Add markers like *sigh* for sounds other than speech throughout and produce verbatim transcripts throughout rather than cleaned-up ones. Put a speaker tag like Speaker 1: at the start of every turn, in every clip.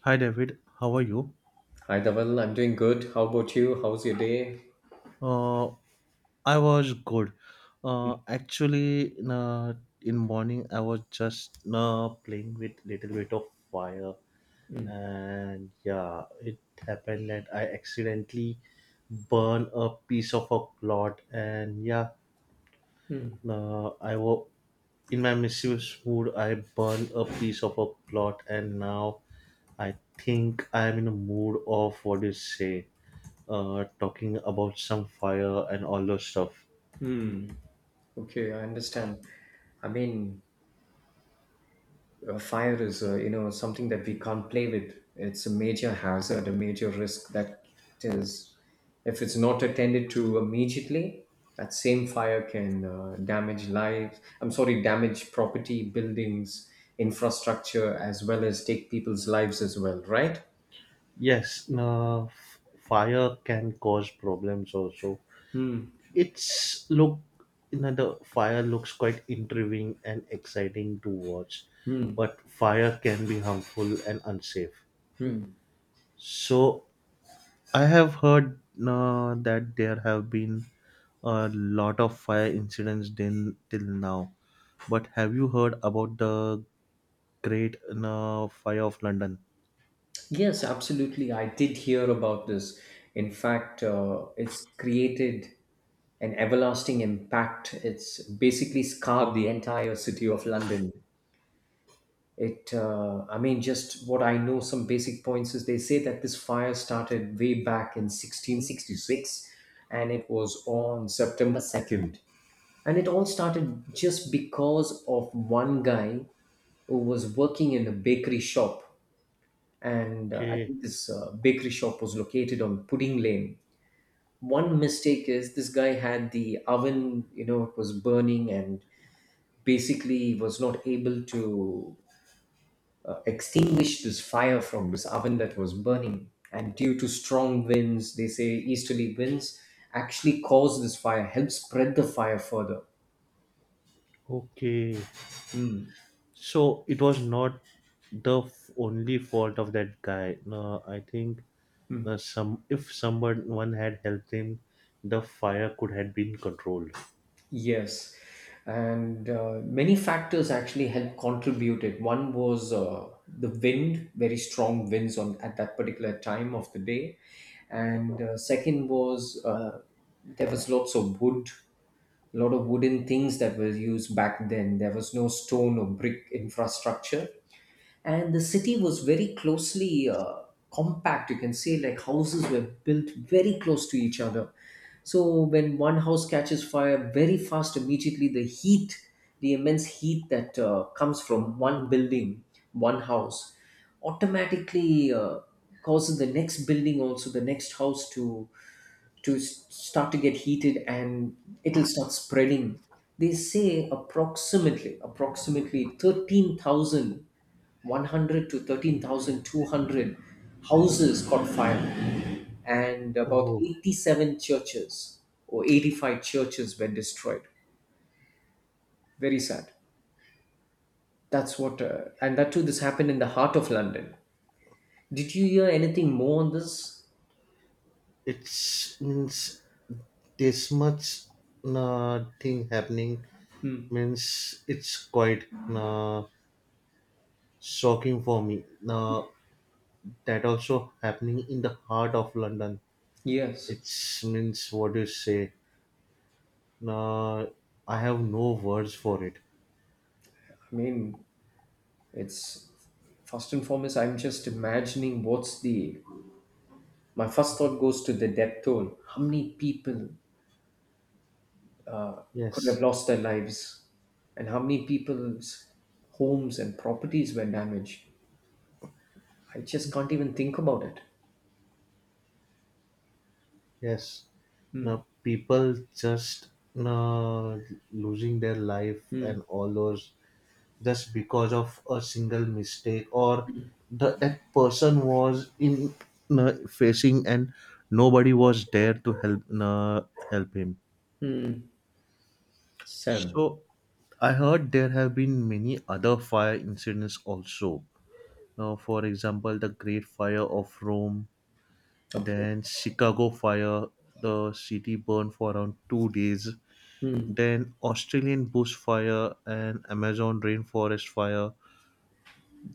Speaker 1: Hi David, how are you?
Speaker 2: Hi, Dhaval. I'm doing good. How about you? How's your day?
Speaker 1: Uh, I was good. Uh, actually, in, uh, in morning I was just uh, playing with little bit of fire,
Speaker 2: Mm.
Speaker 1: and yeah, it happened that I accidentally burn a piece of a cloth, and yeah, Now I wo- in my mischievous mood, I burn a piece of a plot, and now I think I am in a mood of, what do you say, uh, talking about some fire and all those stuff.
Speaker 2: Hmm. Okay, I understand. I mean, uh, fire is, uh, you know, something that we can't play with. It's a major hazard, a major risk that is, if it's not attended to immediately, that same fire can uh, damage lives. I'm sorry, damage property, buildings, infrastructure, as well as take people's lives as well, right?
Speaker 1: Yes, now f- fire can cause problems also. It's look, you know, the fire looks quite intriguing and exciting to watch, but fire can be harmful and unsafe.
Speaker 2: Hmm.
Speaker 1: So I have heard uh, that there have been a lot of fire incidents din- till now, but have you heard about the Great uh, Fire of London?
Speaker 2: Yes, absolutely. I did hear about this. In fact, uh, it's created an everlasting impact. It's basically scarred the entire city of London. It, uh, I mean, just what I know, some basic points is they say that this fire started way back in sixteen sixty-six and it was on September second. And it all started just because of one guy who was working in a bakery shop, and uh, I
Speaker 1: Okay,
Speaker 2: think this uh, bakery shop was located on Pudding Lane. One mistake is this guy had the oven, you know, it was burning, and basically was not able to uh, extinguish this fire from this oven that was burning. And due to strong winds, they say easterly winds actually caused this fire, helped spread the fire further.
Speaker 1: okay. So it was not the f- only fault of that guy. No, I think uh, some if someone had helped him, the fire could have been controlled.
Speaker 2: Yes, and uh, many factors actually helped contribute it. One was uh, the wind, very strong winds on at that particular time of the day, and uh, second was, uh, there was lots of wood, a lot of wooden things that were used back then. There was no stone or brick infrastructure, and the city was very closely uh, compact, you can say, like houses were built very close to each other, so when one house catches fire very fast, immediately the heat, the immense heat that uh, comes from one building, one house, automatically uh, causes the next building, also the next house, to to s- start to get heated, and it'll start spreading. They say approximately, approximately thirteen thousand one hundred to thirteen thousand two hundred houses caught fire, and about
Speaker 1: Oh,
Speaker 2: eighty-seven churches or eighty-five churches were destroyed. Very sad. That's what, uh, and that too, this happened in the heart of London. Did you hear anything more on this?
Speaker 1: it's means this much uh, thing happening
Speaker 2: Hmm.
Speaker 1: means it's quite uh, shocking for me now, that also happening in the heart of London.
Speaker 2: Yes.
Speaker 1: It's means, what do you say, now I have no words for it.
Speaker 2: I mean, It's first and foremost, I'm just imagining what's the. My first thought goes to the death toll. How many people could have
Speaker 1: Yes.
Speaker 2: lost their lives, and how many people's homes and properties were damaged? I just can't even think about it.
Speaker 1: Yes.
Speaker 2: Mm,
Speaker 1: Now people just uh, losing their life
Speaker 2: mm,
Speaker 1: and all those, just because of a single mistake, or the, that person was in, uh, facing, and nobody was there to help, uh, help him.
Speaker 2: mm. Sam.
Speaker 1: So I heard there have been many other fire incidents also. Now, for example, the Great Fire of Rome,
Speaker 2: Okay.
Speaker 1: then Chicago fire, the city burned for around two days.
Speaker 2: Mm.
Speaker 1: Then Australian bush fire and Amazon rainforest fire.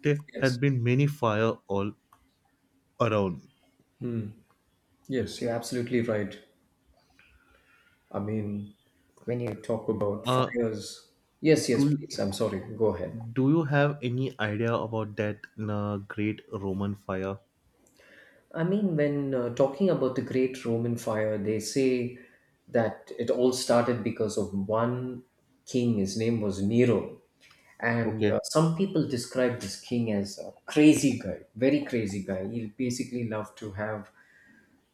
Speaker 1: There had
Speaker 2: Yes.
Speaker 1: been many fire all around.
Speaker 2: Yes, you're absolutely right. I mean, when you talk about
Speaker 1: Uh,
Speaker 2: fires. Yes, yes,
Speaker 1: do
Speaker 2: please. I'm sorry. Go ahead.
Speaker 1: do you have any idea about that uh, great Roman fire?
Speaker 2: I mean, when uh, talking about the Great Roman Fire, they say that it all started because of one king. His name was Nero. And
Speaker 1: Okay.
Speaker 2: uh, some people describe this king as a crazy guy, very crazy guy. He basically loved to have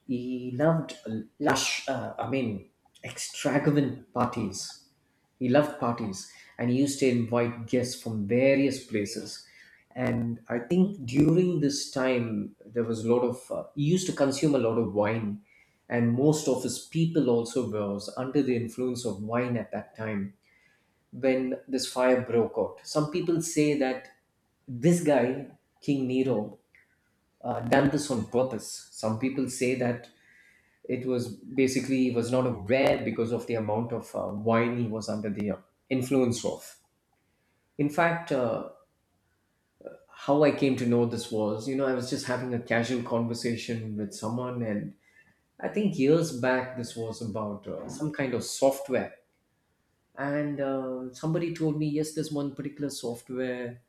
Speaker 2: he loved lush, uh, I mean, extravagant parties. He loved parties, and he used to invite guests from various places. And I think during this time, there was a lot of, uh, he used to consume a lot of wine. And most of his people also was under the influence of wine at that time when this fire broke out. Some people say that this guy, King Nero, uh, done this on purpose. Some people say that it was basically was not aware because of the amount of uh, wine he was under the uh, influence of. In fact, uh, how I came to know this was, you know, I was just having a casual conversation with someone, and I think years back this was about uh, some kind of software, and uh, somebody told me, yes, there's one particular software,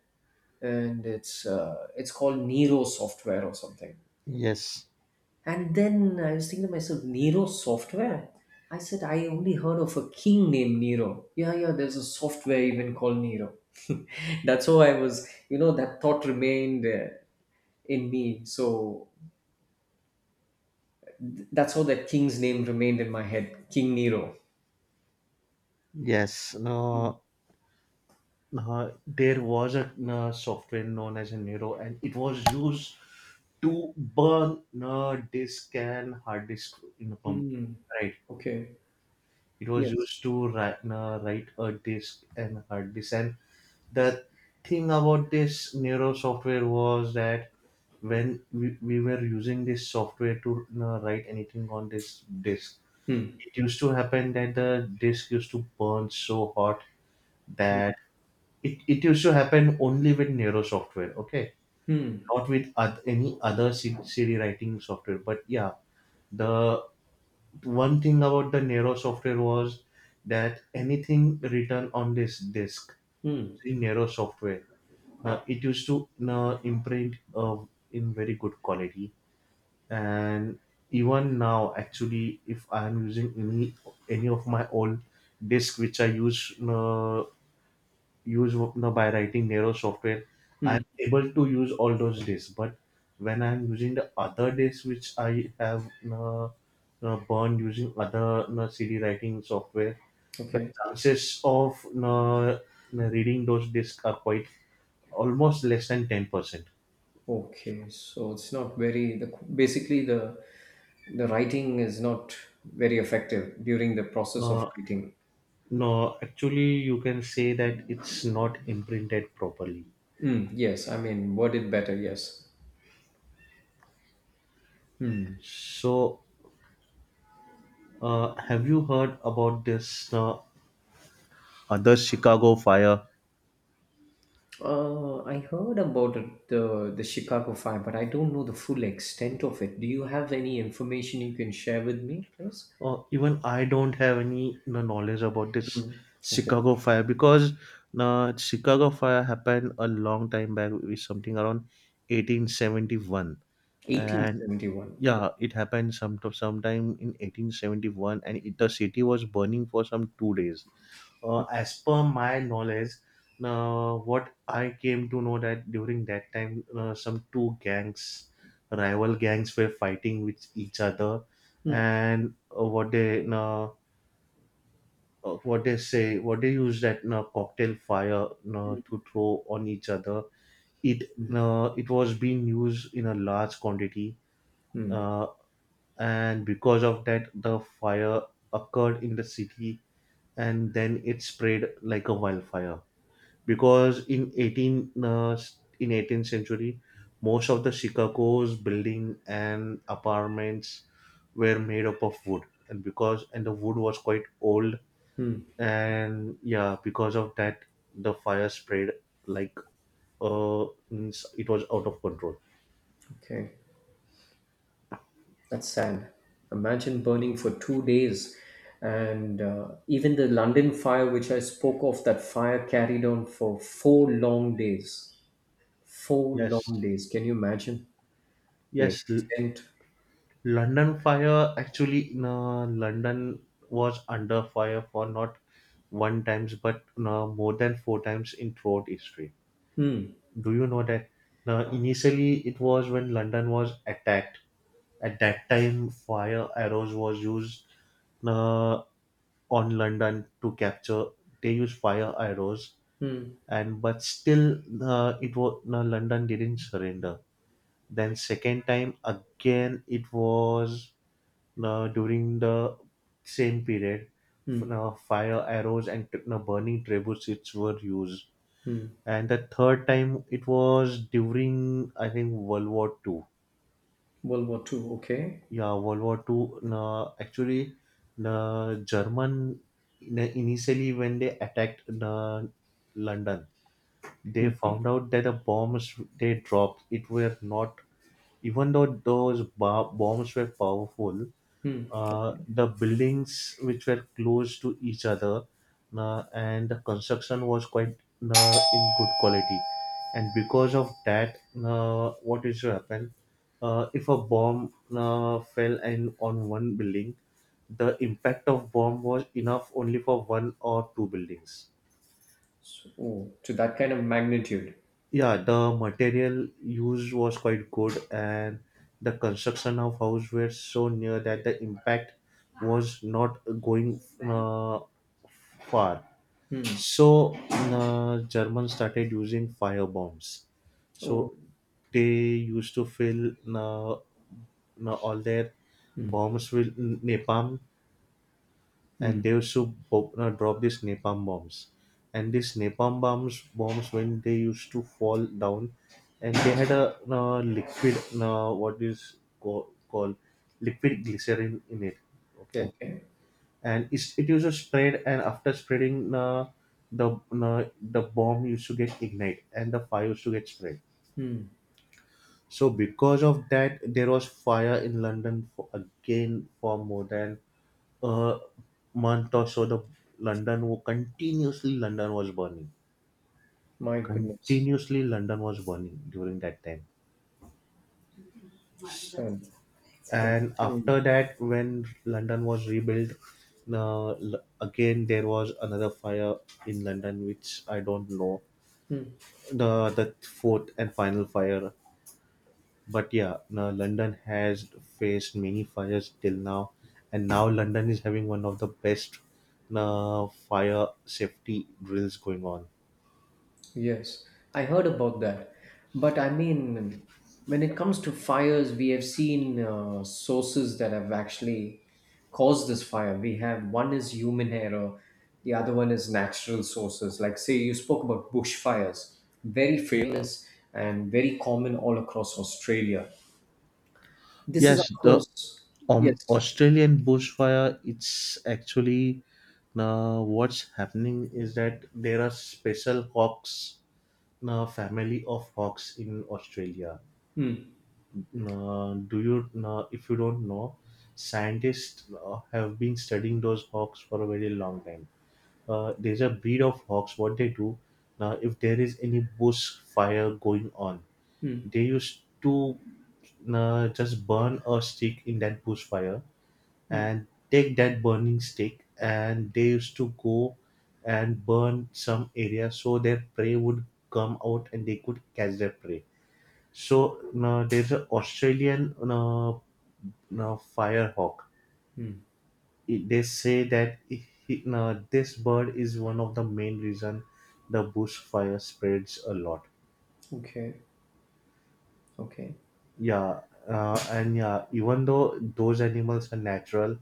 Speaker 2: and it's uh, it's called Nero software or something.
Speaker 1: Yes.
Speaker 2: And then I was thinking to myself, Nero software? I said, I only heard of a king named Nero. Yeah, yeah, there's a software even called Nero. *laughs* That's how I was, you know, that thought remained uh, in me. So th- that's how that king's name remained in my head, King Nero.
Speaker 1: Yes. Uh, uh, there was a uh, software known as a Nero, and it was used to burn uh, disk and hard disk in a computer.
Speaker 2: Mm,
Speaker 1: Right.
Speaker 2: okay.
Speaker 1: It was
Speaker 2: Yes.
Speaker 1: used to write, uh, write a disk and hard disk, and the thing about this Neuro software was that when we, we were using this software to you write anything on this disk,
Speaker 2: Hmm.
Speaker 1: it used to happen that the disk used to burn so hot that it, it used to happen only with Neuro software, okay?
Speaker 2: Hmm.
Speaker 1: Not with oth- any other C- CD writing software. But yeah, the one thing about the Neuro software was that anything written on this disk,
Speaker 2: Hmm.
Speaker 1: using Neuro software, Uh, it used to uh, imprint uh, in very good quality, and even now, actually, if I am using any any of my old disk which I use uh, use uh, by writing Nero software, I am
Speaker 2: Hmm.
Speaker 1: able to use all those disks. But when I am using the other disk which I have uh, uh, burned using other uh, C D writing software, the
Speaker 2: Okay.
Speaker 1: chances of uh, reading those disks are quite almost less than ten percent.
Speaker 2: Okay, so it's not very, the basically the the writing is not very effective during the process of
Speaker 1: No,
Speaker 2: writing.
Speaker 1: no, actually, you can say that it's not imprinted properly.
Speaker 2: Mm, yes, I mean, word it better. Yes.
Speaker 1: So, uh, have you heard about this uh, other Chicago fire?
Speaker 2: Uh, I heard about it, the the Chicago Fire, but I don't know the full extent of it. Do you have any information you can share with me, please?
Speaker 1: Uh, even I don't have any, you know, knowledge about this
Speaker 2: Mm, okay,
Speaker 1: Chicago fire, because uh, Chicago fire happened a long time back, with something around eighteen seventy-one,
Speaker 2: eighteen
Speaker 1: and
Speaker 2: seventy one.
Speaker 1: yeah, it happened some sometime in eighteen seventy-one, and it, the city was burning for some two days. Uh, as per my knowledge, uh, what I came to know that during that time, uh, some two gangs, rival gangs, were fighting with each other,
Speaker 2: Mm,
Speaker 1: and uh, what they uh, uh, what they say what they use that uh, cocktail fire uh, to throw on each other. it
Speaker 2: mm,
Speaker 1: uh, it was being used in a large quantity,
Speaker 2: mm,
Speaker 1: uh, and because of that the fire occurred in the city, and then it spread like a wildfire because in eighteen uh, in eighteenth century most of the Chicago's building and apartments were made up of wood, and because and the wood was quite old,
Speaker 2: mm,
Speaker 1: and yeah, because of that the fire spread like, uh means, it was out of control.
Speaker 2: okay. That's sad. Imagine burning for two days. And uh, even the London fire, which I spoke of, that fire carried on for four long days. Four
Speaker 1: Yes,
Speaker 2: long days. Can you imagine the
Speaker 1: yes. L-
Speaker 2: extent?
Speaker 1: london fire, actually, no, London was under fire for not one times, but no, more than four times in throughout history.
Speaker 2: Hmm.
Speaker 1: Do you know that? Now, initially it was when London was attacked, at that time fire arrows was used uh, on London to capture, they used fire arrows.
Speaker 2: Hmm.
Speaker 1: And but still uh, it was, no, London didn't surrender. Then second time again it was uh, during the same period.
Speaker 2: Hmm.
Speaker 1: Now fire arrows and uh, burning trebuchets were used,
Speaker 2: Hmm.
Speaker 1: and the third time it was during, I think, World War Two.
Speaker 2: World War Two. Okay.
Speaker 1: Yeah, World War Two. Uh, actually, the German, uh, initially when they attacked the London, they found out that the bombs they dropped it were not, even though those ba- bombs were powerful,
Speaker 2: Hmm.
Speaker 1: uh, the buildings which were close to each other, uh, and the construction was quite uh, in good quality, and because of that, uh, what is to happen, uh, if a bomb uh, fell and on one building, the impact of bomb was enough only for one or two buildings.
Speaker 2: So, oh, to that kind of magnitude.
Speaker 1: Yeah, the material used was quite good, and the construction of house were so near that the impact was not going, uh, far.
Speaker 2: Hmm.
Speaker 1: So uh, Germans started using fire bombs.
Speaker 2: Oh.
Speaker 1: So they used to fill uh, uh, all their bombs with napalm, and
Speaker 2: Hmm.
Speaker 1: they used to pop, uh, drop these napalm bombs, and these napalm bombs bombs when they used to fall down, and they had a uh, liquid, uh, what is co- called liquid glycerin in it, okay.
Speaker 2: Okay.
Speaker 1: And it's, it used to spread, and after spreading uh, the uh, the bomb used to get ignite and the fire used to get spread.
Speaker 2: Hmm.
Speaker 1: So because of that there was fire in London for, again, for more than a month or so. The london wo- continuously London was burning.
Speaker 2: My goodness.
Speaker 1: Continuously London was burning during that time.
Speaker 2: So,
Speaker 1: And
Speaker 2: imagine.
Speaker 1: after that, when London was rebuilt, uh, l- again there was another fire in London which I don't know,
Speaker 2: Hmm.
Speaker 1: the the fourth and final fire. But yeah, now London has faced many fires till now, and now London is having one of the best uh, fire safety drills going on.
Speaker 2: Yes, I heard about that. But I mean, when it comes to fires, we have seen uh, sources that have actually caused this fire. We have, one is human error, the other one is natural sources. Like, say, you spoke about bushfires, very famous and very common all across Australia. This is,
Speaker 1: Yes,
Speaker 2: of
Speaker 1: the
Speaker 2: course,
Speaker 1: um,
Speaker 2: yes.
Speaker 1: Australian bushfire, it's actually, now what's happening is that there are special hawks, now family of hawks in Australia.
Speaker 2: Hmm.
Speaker 1: Now, do you now, if you don't know, scientists uh, have been studying those hawks for a very long time. Uh, there's a breed of hawks. What they do now, if there is any bush fire going on,
Speaker 2: Hmm.
Speaker 1: they used to uh, just burn a stick in that bush fire
Speaker 2: Hmm.
Speaker 1: and take that burning stick and they used to go and burn some area, so their prey would come out and they could catch their prey. So uh, there's an Australian uh, uh, firehawk.
Speaker 2: Hmm.
Speaker 1: It- they say that he, he- uh, this bird is one of the main reason the bush fire spreads a lot.
Speaker 2: Okay. Okay.
Speaker 1: Yeah, uh, and yeah, even though those animals are natural,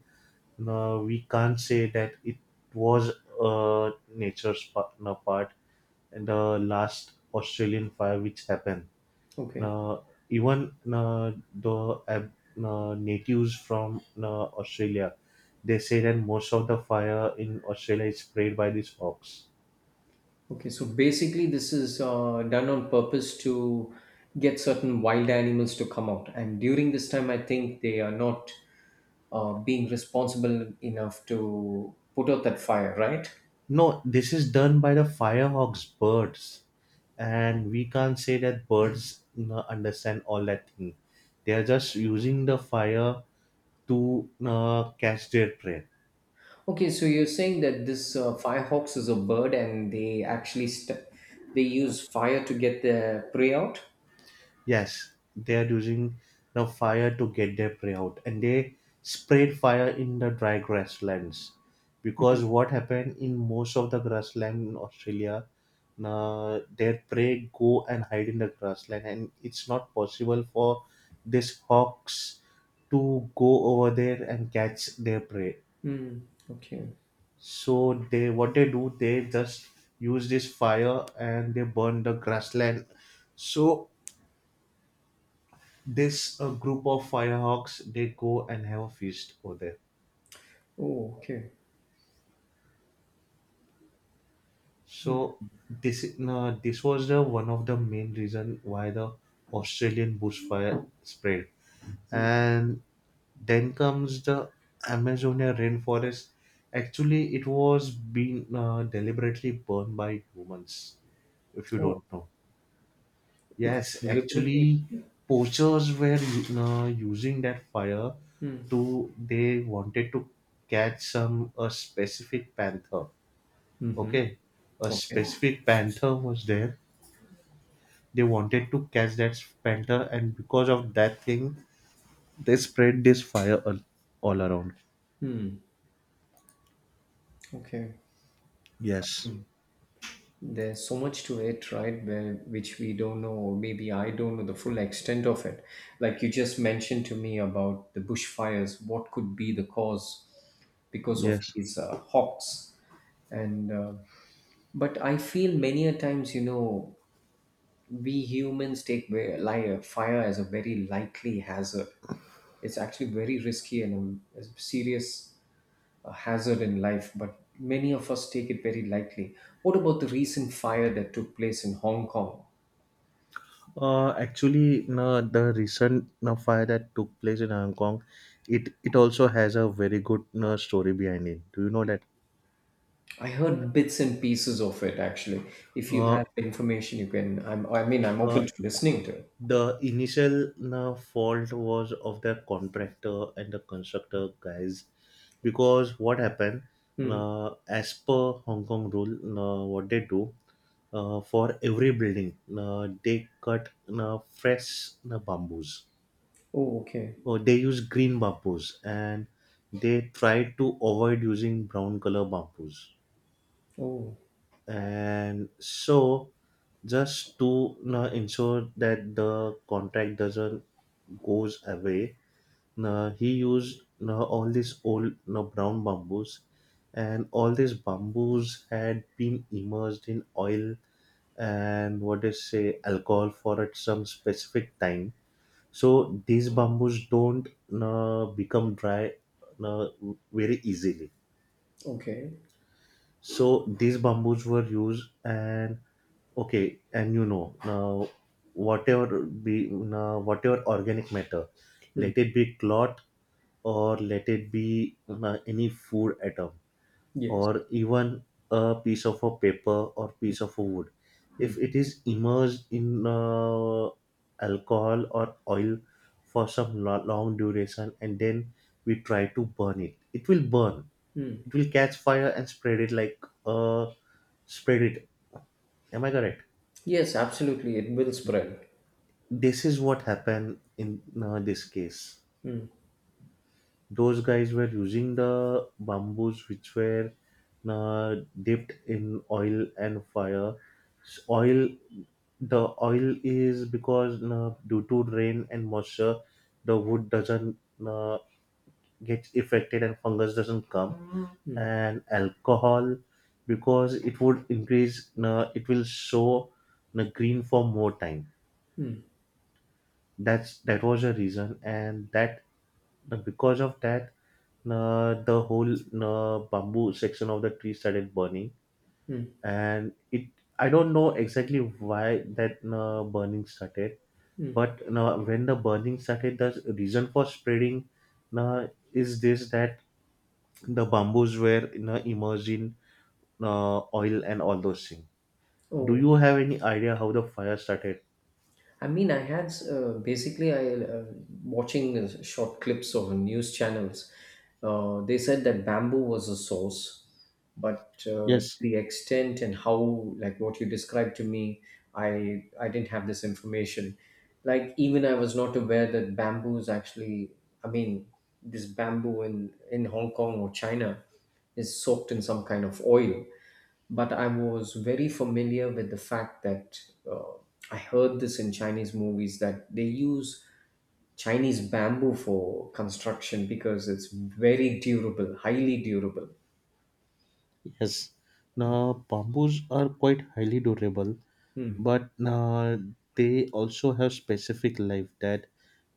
Speaker 1: no, we can't say that it was a nature's pa- no, part in the last Australian fire which happened.
Speaker 2: Okay.
Speaker 1: No, even no, the ab- no, natives from, no, Australia, they say that most of the fire in Australia is sprayed by these hawks.
Speaker 2: Okay, so basically, this is uh, done on purpose to get certain wild animals to come out. And during this time, I think they are not uh, being responsible enough to put out that fire, right?
Speaker 1: No, this is done by the firehawks birds, and we can't say that birds, no, understand all that thing. They are just using the fire to uh, catch their prey.
Speaker 2: Okay, so you're saying that this uh, firehawks is a bird, and they actually st- they use fire to get their prey out.
Speaker 1: Yes, they are using the fire to get their prey out, and they sprayed fire in the dry grasslands because what happened in most of the grassland in Australia, uh, their prey go and hide in the grassland, and it's not possible for these hawks to go over there and catch their prey.
Speaker 2: Hmm. Okay.
Speaker 1: So they what they do, they just use this fire and they burn the grassland. So this uh, group of firehawks they go and have a feast over there.
Speaker 2: Oh, okay.
Speaker 1: So this is- uh, this was the one of the main reason why the Australian bushfire spread.
Speaker 2: Hmm.
Speaker 1: And then comes the Amazonia rainforest. Actually, it was being uh, deliberately burned by humans. If you
Speaker 2: Oh,
Speaker 1: don't know.
Speaker 2: it was
Speaker 1: Yes,
Speaker 2: deliberately.
Speaker 1: actually, poachers were u- uh, using that fire
Speaker 2: Hmm.
Speaker 1: to, they wanted to catch some a specific panther. Okay, a
Speaker 2: Okay.
Speaker 1: specific panther was there. They wanted to catch that panther, and because of that thing, they spread this fire all, all around.
Speaker 2: Hmm. Okay.
Speaker 1: Yes,
Speaker 2: There's so much to it, right? Where, which we don't know, or maybe I don't know the full extent of it. Like you just mentioned to me about the bushfires, what could be the cause because of
Speaker 1: yes.
Speaker 2: these uh, hawks? And uh, but I feel many a times, you know, we humans take ve- li- fire as a very likely hazard. It's actually very risky and a, a serious a hazard in life, but many of us take it very lightly. What about the recent fire that took place in Hong Kong?
Speaker 1: Uh, actually, no, the recent, no, fire that took place in Hong Kong, it it also has a very good, no, story behind it. Do you know that?
Speaker 2: I heard bits and pieces of it actually. If you
Speaker 1: Uh,
Speaker 2: have information, you can. I'm, I mean, I'm open
Speaker 1: Uh,
Speaker 2: to listening to it.
Speaker 1: the initial uh, fault was of the contractor and the constructor guys because what happened,
Speaker 2: Hmm.
Speaker 1: uh, as per Hong Kong rule, uh, what they do, uh, for every building, uh, they cut uh, fresh uh, bamboos.
Speaker 2: Oh, okay.
Speaker 1: Oh, they use green bamboos, and they try to avoid using brown color bamboos,
Speaker 2: Oh,
Speaker 1: and so just to uh, ensure that the contract doesn't goes away, uh, he used uh, all these old uh, brown bamboos, and all these bamboos had been immersed in oil and what they say alcohol for at some specific time, so these bamboos don't uh, become dry uh, very easily.
Speaker 2: okay.
Speaker 1: So these bamboos were used and okay, and you know now whatever be now whatever organic matter,
Speaker 2: Hmm.
Speaker 1: let it be cloth or let it be uh, any food atom,
Speaker 2: Yes.
Speaker 1: or even a piece of a paper or piece of a wood, if it is immersed in uh, alcohol or oil for some lo- long duration, and then we try to burn it, it will burn.
Speaker 2: Hmm.
Speaker 1: It will catch fire and spread it like uh spread it. Am I correct?
Speaker 2: Yes, absolutely. It will spread.
Speaker 1: This is what happened in uh, this case. Those guys were using the bamboos which were uh, dipped in oil and fire. S- Oil, the oil is because uh, due to rain and moisture, the wood doesn't uh, get affected and fungus doesn't come. And alcohol, because it would increase, uh, it will show uh, green for more time. That's that was a reason, and that and because of that, uh, the whole uh, bamboo section of the tree started burning,
Speaker 2: Hmm.
Speaker 1: and it I don't know exactly why that uh, burning started,
Speaker 2: Hmm.
Speaker 1: but uh, when the burning started, the reason for spreading uh, is this that the bamboos were uh, immersed in uh, oil and all those things. Do
Speaker 2: Oh,
Speaker 1: you have any idea how the fire started?
Speaker 2: I mean, I had uh, basically I uh, watching uh, short clips of news channels. Uh, they said that bamboo was a source, but uh,
Speaker 1: Yes,
Speaker 2: the extent and how, like what you described to me, I I didn't have this information. Like even I was not aware that bamboo is actually. I mean, this bamboo in in Hong Kong or China is soaked in some kind of oil, but I was very familiar with the fact that uh, I heard this in Chinese movies that they use Chinese bamboo for construction because it's very durable, highly durable.
Speaker 1: yes. Now, bamboos are quite highly durable,
Speaker 2: Hmm.
Speaker 1: but uh, they also have specific life that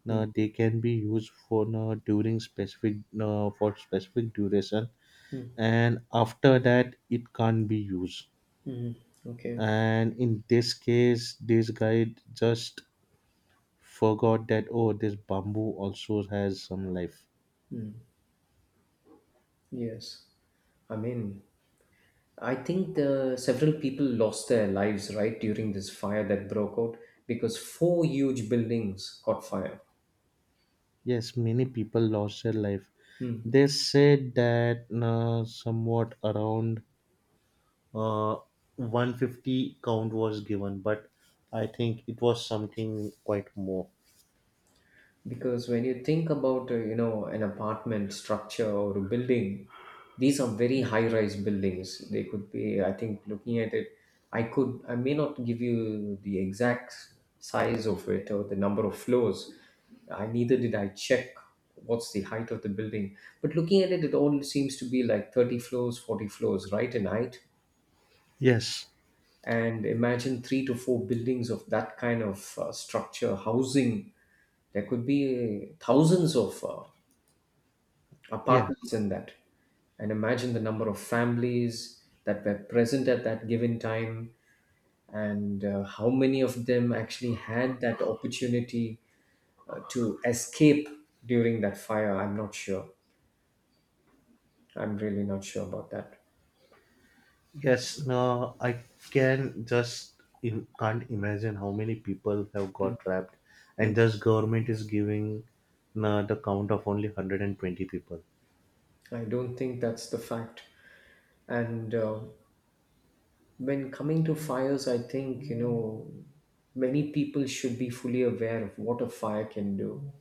Speaker 2: Hmm.
Speaker 1: uh, they can be used for uh, during specific uh, for specific duration,
Speaker 2: Hmm.
Speaker 1: and after that it can't be used.
Speaker 2: Mhm. Okay.
Speaker 1: And in this case this guy just forgot that, oh, this bamboo also has some life.
Speaker 2: Yes. I mean, I think the several people lost their lives, right, during this fire that broke out because four huge buildings caught fire.
Speaker 1: Yes, many people lost their life. They said that uh, somewhat around uh, one hundred fifty count was given, but I think it was something quite more.
Speaker 2: Because when you think about, uh, you know, an apartment structure or a building, these are very high rise buildings. They could be, I think, looking at it, i could I may not give you the exact size of it or the number of floors. I neither did I check what's the height of the building, but looking at it it all seems to be like thirty floors, forty floors right in height.
Speaker 1: Yes,
Speaker 2: And imagine three to four buildings of that kind of uh, structure housing, there could be uh, thousands of uh, apartments
Speaker 1: yes,
Speaker 2: in that. And imagine the number of families that were present at that given time, and uh, how many of them actually had that opportunity uh, to escape during that fire. I'm not sure. I'm really not sure about that.
Speaker 1: yes. No, I can just in, can't imagine how many people have got trapped, and just government is giving uh, the count of only one hundred twenty people.
Speaker 2: I don't think that's the fact. And uh, when coming to fires, I think, you know, many people should be fully aware of what a fire can do.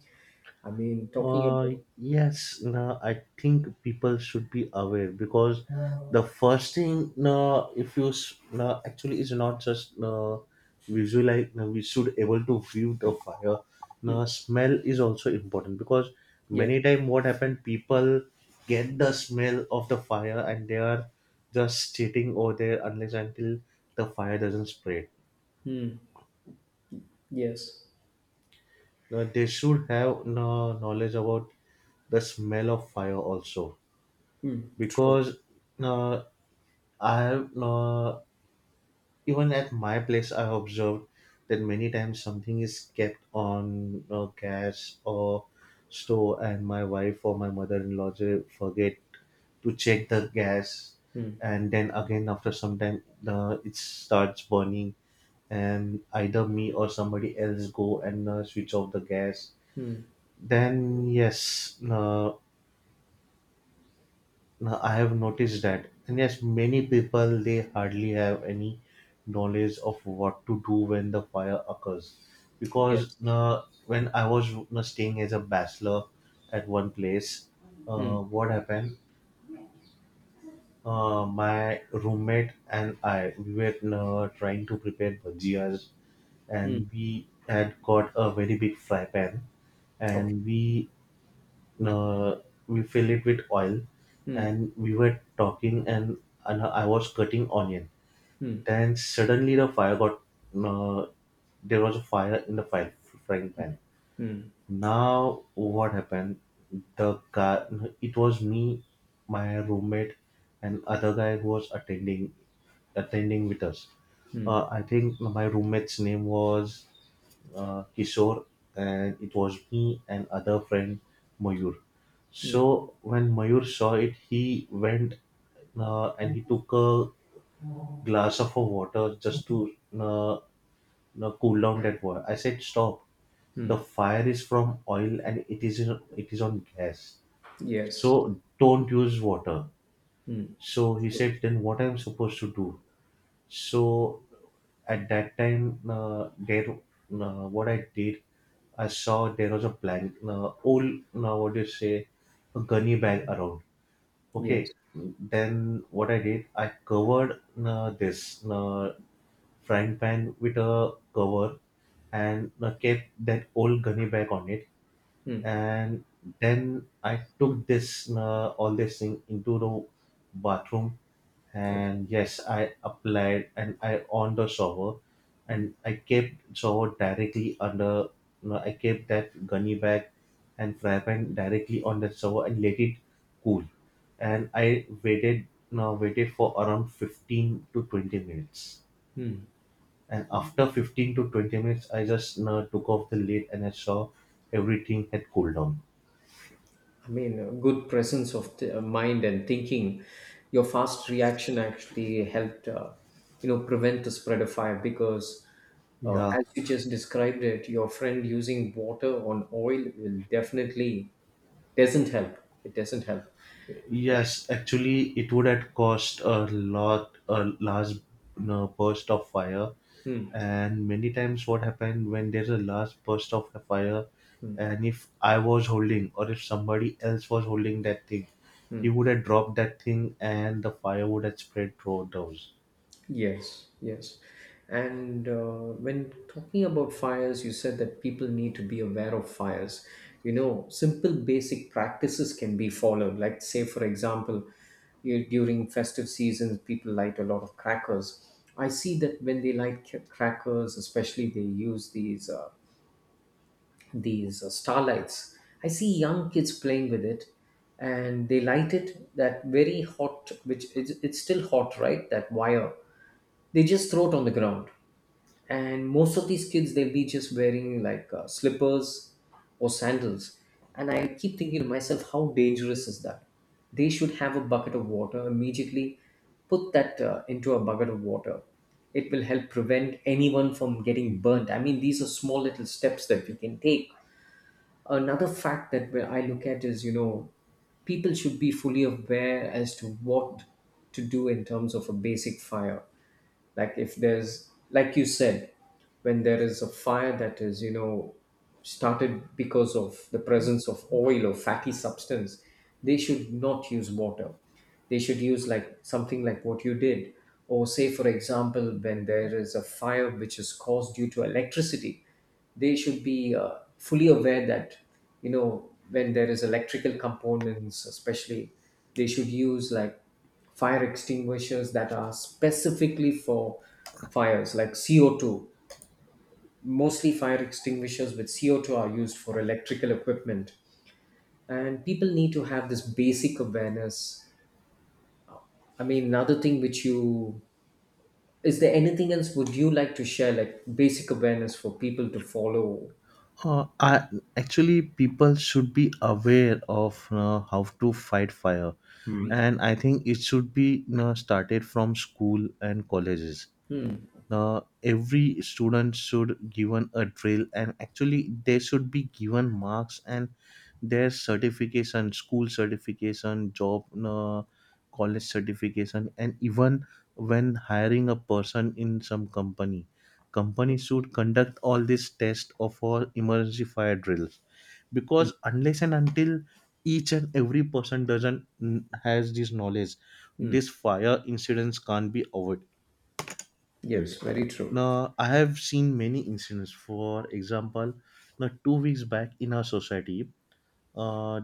Speaker 2: I mean, talking
Speaker 1: Uh,
Speaker 2: about.
Speaker 1: yes, no, I think people should be aware because the first thing, no, if you s- no, actually is not just no, visualize, no, we should able to view the fire.
Speaker 2: Hmm.
Speaker 1: No, smell is also important because
Speaker 2: Yes.
Speaker 1: many time what happened, people get the smell of the fire and they are just sitting over there unless until the fire doesn't spread.
Speaker 2: Hmm. Yes.
Speaker 1: No, they should have no knowledge about the smell of fire also,
Speaker 2: Hmm. True.
Speaker 1: because uh, I have, uh, even at my place I observed that many times something is kept on uh, gas or stove, and my wife or my mother-in-law, they forget to check the gas,
Speaker 2: Hmm.
Speaker 1: and then again after some time uh, it starts burning, and either me or somebody else go and uh, switch off the gas.
Speaker 2: Hmm.
Speaker 1: Then yes, uh, now, I have noticed that, and yes, many people they hardly have any knowledge of what to do when the fire occurs, because
Speaker 2: Yes.
Speaker 1: uh, when I was uh, staying as a bachelor at one place,
Speaker 2: Hmm.
Speaker 1: uh, what happened? Uh, my roommate and I, we were uh, trying to prepare bhajias,
Speaker 2: Hmm.
Speaker 1: and we had got a very big fry pan,
Speaker 2: Okay.
Speaker 1: and we uh, we fill it with oil,
Speaker 2: Hmm.
Speaker 1: and we were talking, and, and I was cutting onion,
Speaker 2: Hmm.
Speaker 1: then suddenly the fire got, uh, there was a fire in the fire, frying pan.
Speaker 2: Hmm.
Speaker 1: Now what happened, the guy, it was me, my roommate, and other guy who was attending attending with us.
Speaker 2: Hmm.
Speaker 1: uh, I think my roommate's name was uh, Kishore, and it was me and other friend Mayur.
Speaker 2: Hmm.
Speaker 1: So when Mayur saw it, he went uh, and he took a glass of a water just to uh, uh, cool down that water. I said, "Stop! The
Speaker 2: Mm,
Speaker 1: fire is from oil and it is in, it is on gas.
Speaker 2: yes.
Speaker 1: So don't use water."
Speaker 2: Hmm.
Speaker 1: So he said, "Then what I'm supposed to do?" So at that time, uh, there, uh, what I did, I saw there was a blank, uh, old, now what do you say, a gunny bag around. Okay,
Speaker 2: Yes.
Speaker 1: then what I did, I covered uh, this uh, frying pan with a cover and uh, kept that old gunny bag on it.
Speaker 2: Hmm.
Speaker 1: And then I took this uh, all this thing into the bathroom,
Speaker 2: Okay.
Speaker 1: and yes, I applied and I on the shower,
Speaker 2: Hmm.
Speaker 1: and I kept shower directly under, you know, I kept that gunny bag and fry pan directly on the shower and let it cool. And I waited, you know, waited for around fifteen to twenty minutes,
Speaker 2: Hmm.
Speaker 1: and after fifteen to twenty minutes I just, you know, took off the lid and I saw everything had cooled down.
Speaker 2: I mean, a good presence of the uh, mind and thinking. Your fast reaction actually helped, uh, you know, prevent the spread of fire because, uh,
Speaker 1: Yeah.
Speaker 2: as you just described it, your friend using water on oil will definitely doesn't help. It doesn't help.
Speaker 1: Yes, actually, it would have cost a lot, a large you burst of fire.
Speaker 2: Hmm.
Speaker 1: And many times, what happened when there's a large burst of a fire,
Speaker 2: Hmm.
Speaker 1: and if I was holding or if somebody else was holding that thing, he
Speaker 2: Mm.
Speaker 1: would have dropped that thing and the fire would have spread through those.
Speaker 2: Yes, yes. And uh, when talking about fires, you said that people need to be aware of fires. You know, simple basic practices can be followed. Like, say, for example, you, during festive seasons, people light a lot of crackers. I see that when they light ca- crackers, especially they use these uh, these uh, starlights. I see young kids playing with it, and they light it that very hot, which it's, it's still hot, right? That wire, they just throw it on the ground, and most of these kids, they'll be just wearing like uh, slippers or sandals. And I keep thinking to myself, how dangerous is that. They should have a bucket of water immediately, put that uh, into a bucket of water. It will help prevent anyone from getting burnt. I mean, these are small little steps that we can take. Another fact that where I look at is, you know people should be fully aware as to what to do in terms of a basic fire. Like, if there's, like you said, when there is a fire that is, you know started because of the presence of oil or fatty substance, they should not use water. They should use like something like what you did. Or say, for example, when there is a fire which is caused due to electricity, they should be uh, fully aware that, you know when there is electrical components especially, they should use like fire extinguishers that are specifically for fires like C O two. Mostly fire extinguishers with C O two are used for electrical equipment. And people need to have this basic awareness. I mean, another thing which you is there anything else would you like to share, like basic awareness for people to follow?
Speaker 1: Uh, I, actually, people should be aware of uh, how to fight fire, and I think it should be you started from school and colleges.
Speaker 2: Hmm.
Speaker 1: Uh, every student should given a drill, and actually they should be given marks and their certification, school certification, job, uh, college certification, and even when hiring a person in some company, company
Speaker 2: Yes.
Speaker 1: should conduct all these tests of all emergency fire drills,
Speaker 2: Hmm.
Speaker 1: because unless and until each and every person doesn't mm, has this knowledge,
Speaker 2: Hmm.
Speaker 1: this fire incidents can't be avoided.
Speaker 2: Yes. Very true.
Speaker 1: Now, I have seen many incidents. For example, now two weeks back in our society, uh,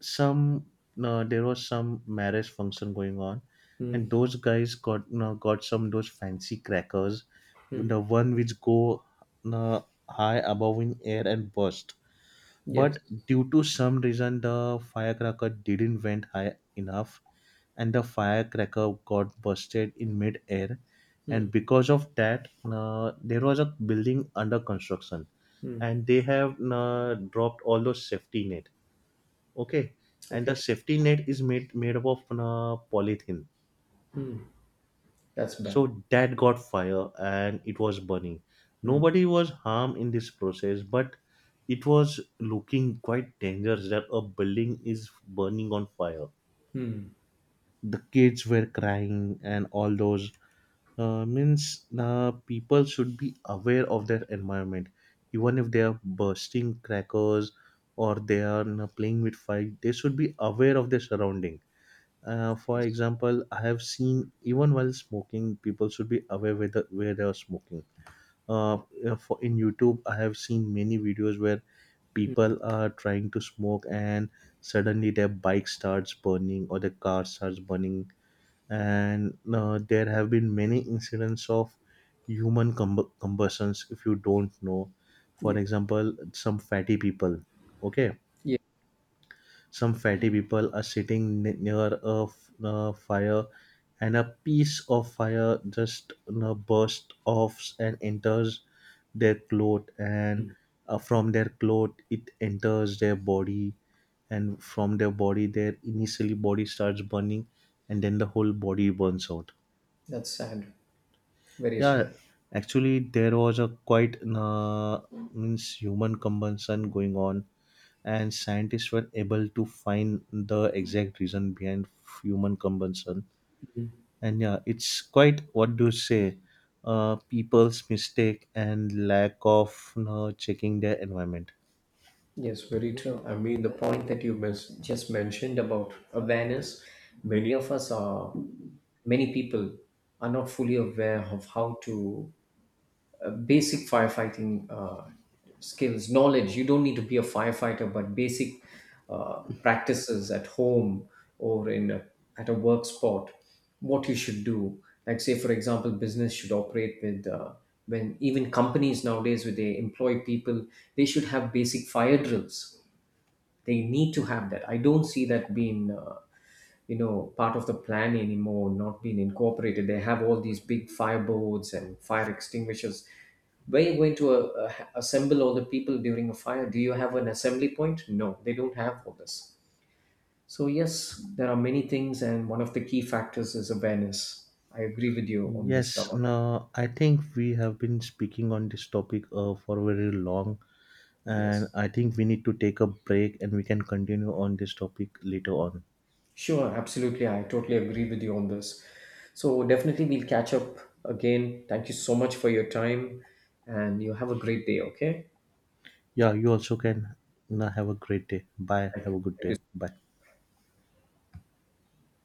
Speaker 1: some now there was some marriage function going on, and
Speaker 2: Hmm.
Speaker 1: those guys got now got some those fancy crackers,
Speaker 2: Hmm.
Speaker 1: the one which go now high above in air and burst.
Speaker 2: Yes.
Speaker 1: But due to some reason, the firecracker didn't went high enough, and the firecracker got busted in mid-air.
Speaker 2: Hmm.
Speaker 1: And because of that, uh, there was a building under construction,
Speaker 2: Hmm.
Speaker 1: and they have uh, dropped all those safety net. Okay, and
Speaker 2: Okay.
Speaker 1: the safety net is made made up of uh, polythene,
Speaker 2: That's bad.
Speaker 1: so that got fire and it was burning. Nobody was harmed in this process, but it was looking quite dangerous that a building is burning on fire.
Speaker 2: Hmm.
Speaker 1: The kids were crying and all those. Uh, means uh, people should be aware of their environment. Even if they are bursting crackers or they are uh, playing with fire, they should be aware of their surrounding. Uh, for
Speaker 2: Yes.
Speaker 1: example, I have seen even while smoking, people should be aware where, the, where they are smoking. Uh, uh, for in YouTube, I have seen many videos where people are trying to smoke and suddenly their bike starts burning or their car starts burning, and uh, there have been many incidents of human comb- combustions. If you don't know,
Speaker 2: Yeah.
Speaker 1: for example, some fatty people, okay,
Speaker 2: Yeah.
Speaker 1: some fatty people are sitting ne- near a f- uh, fire, and a piece of fire just, you know, bursts off and enters their cloth, and uh, from their cloth it enters their body, and from their body their initially body starts burning, and then the whole body burns out.
Speaker 2: That's sad. Very true,
Speaker 1: Yeah,
Speaker 2: right?
Speaker 1: actually, there was a quite uh, means human combustion going on, and scientists were able to find the exact reason behind human combustion. And yeah, it's quite what do you say, uh, people's mistake and lack of uh, checking their environment.
Speaker 2: Yes, very true. I mean, the point that you mes- just mentioned about awareness, many of us are, many people are not fully aware of how to basic firefighting uh, skills, knowledge. You don't need to be a firefighter, but basic uh, practices at home, or in a, at a work spot, what you should do. Like say, for example, business should operate with, uh, when even companies nowadays, when they employ people, they should have basic fire drills. They need to have that. I don't see that being, uh, you know part of the plan anymore, not being incorporated. They have all these big fire boards and fire extinguishers. Where you going to uh, uh, assemble all the people during a fire? Do you have an assembly point? No, they don't have all this. So yes, there are many things, and one of the key factors is awareness. I agree with you on this,
Speaker 1: Yes,
Speaker 2: Dhaval.
Speaker 1: no, I think we have been speaking on this topic uh, for very long, and
Speaker 2: Yes.
Speaker 1: I think we need to take a break and we can continue on this topic later on.
Speaker 2: Sure, absolutely. I totally agree with you on this. So, definitely, we'll catch up again. Thank you so much for your time, and you have a great day, okay?
Speaker 1: Yeah, you also can, you know, have a great day. Bye. Have
Speaker 2: Thank
Speaker 1: a good day.
Speaker 2: you.
Speaker 1: Bye.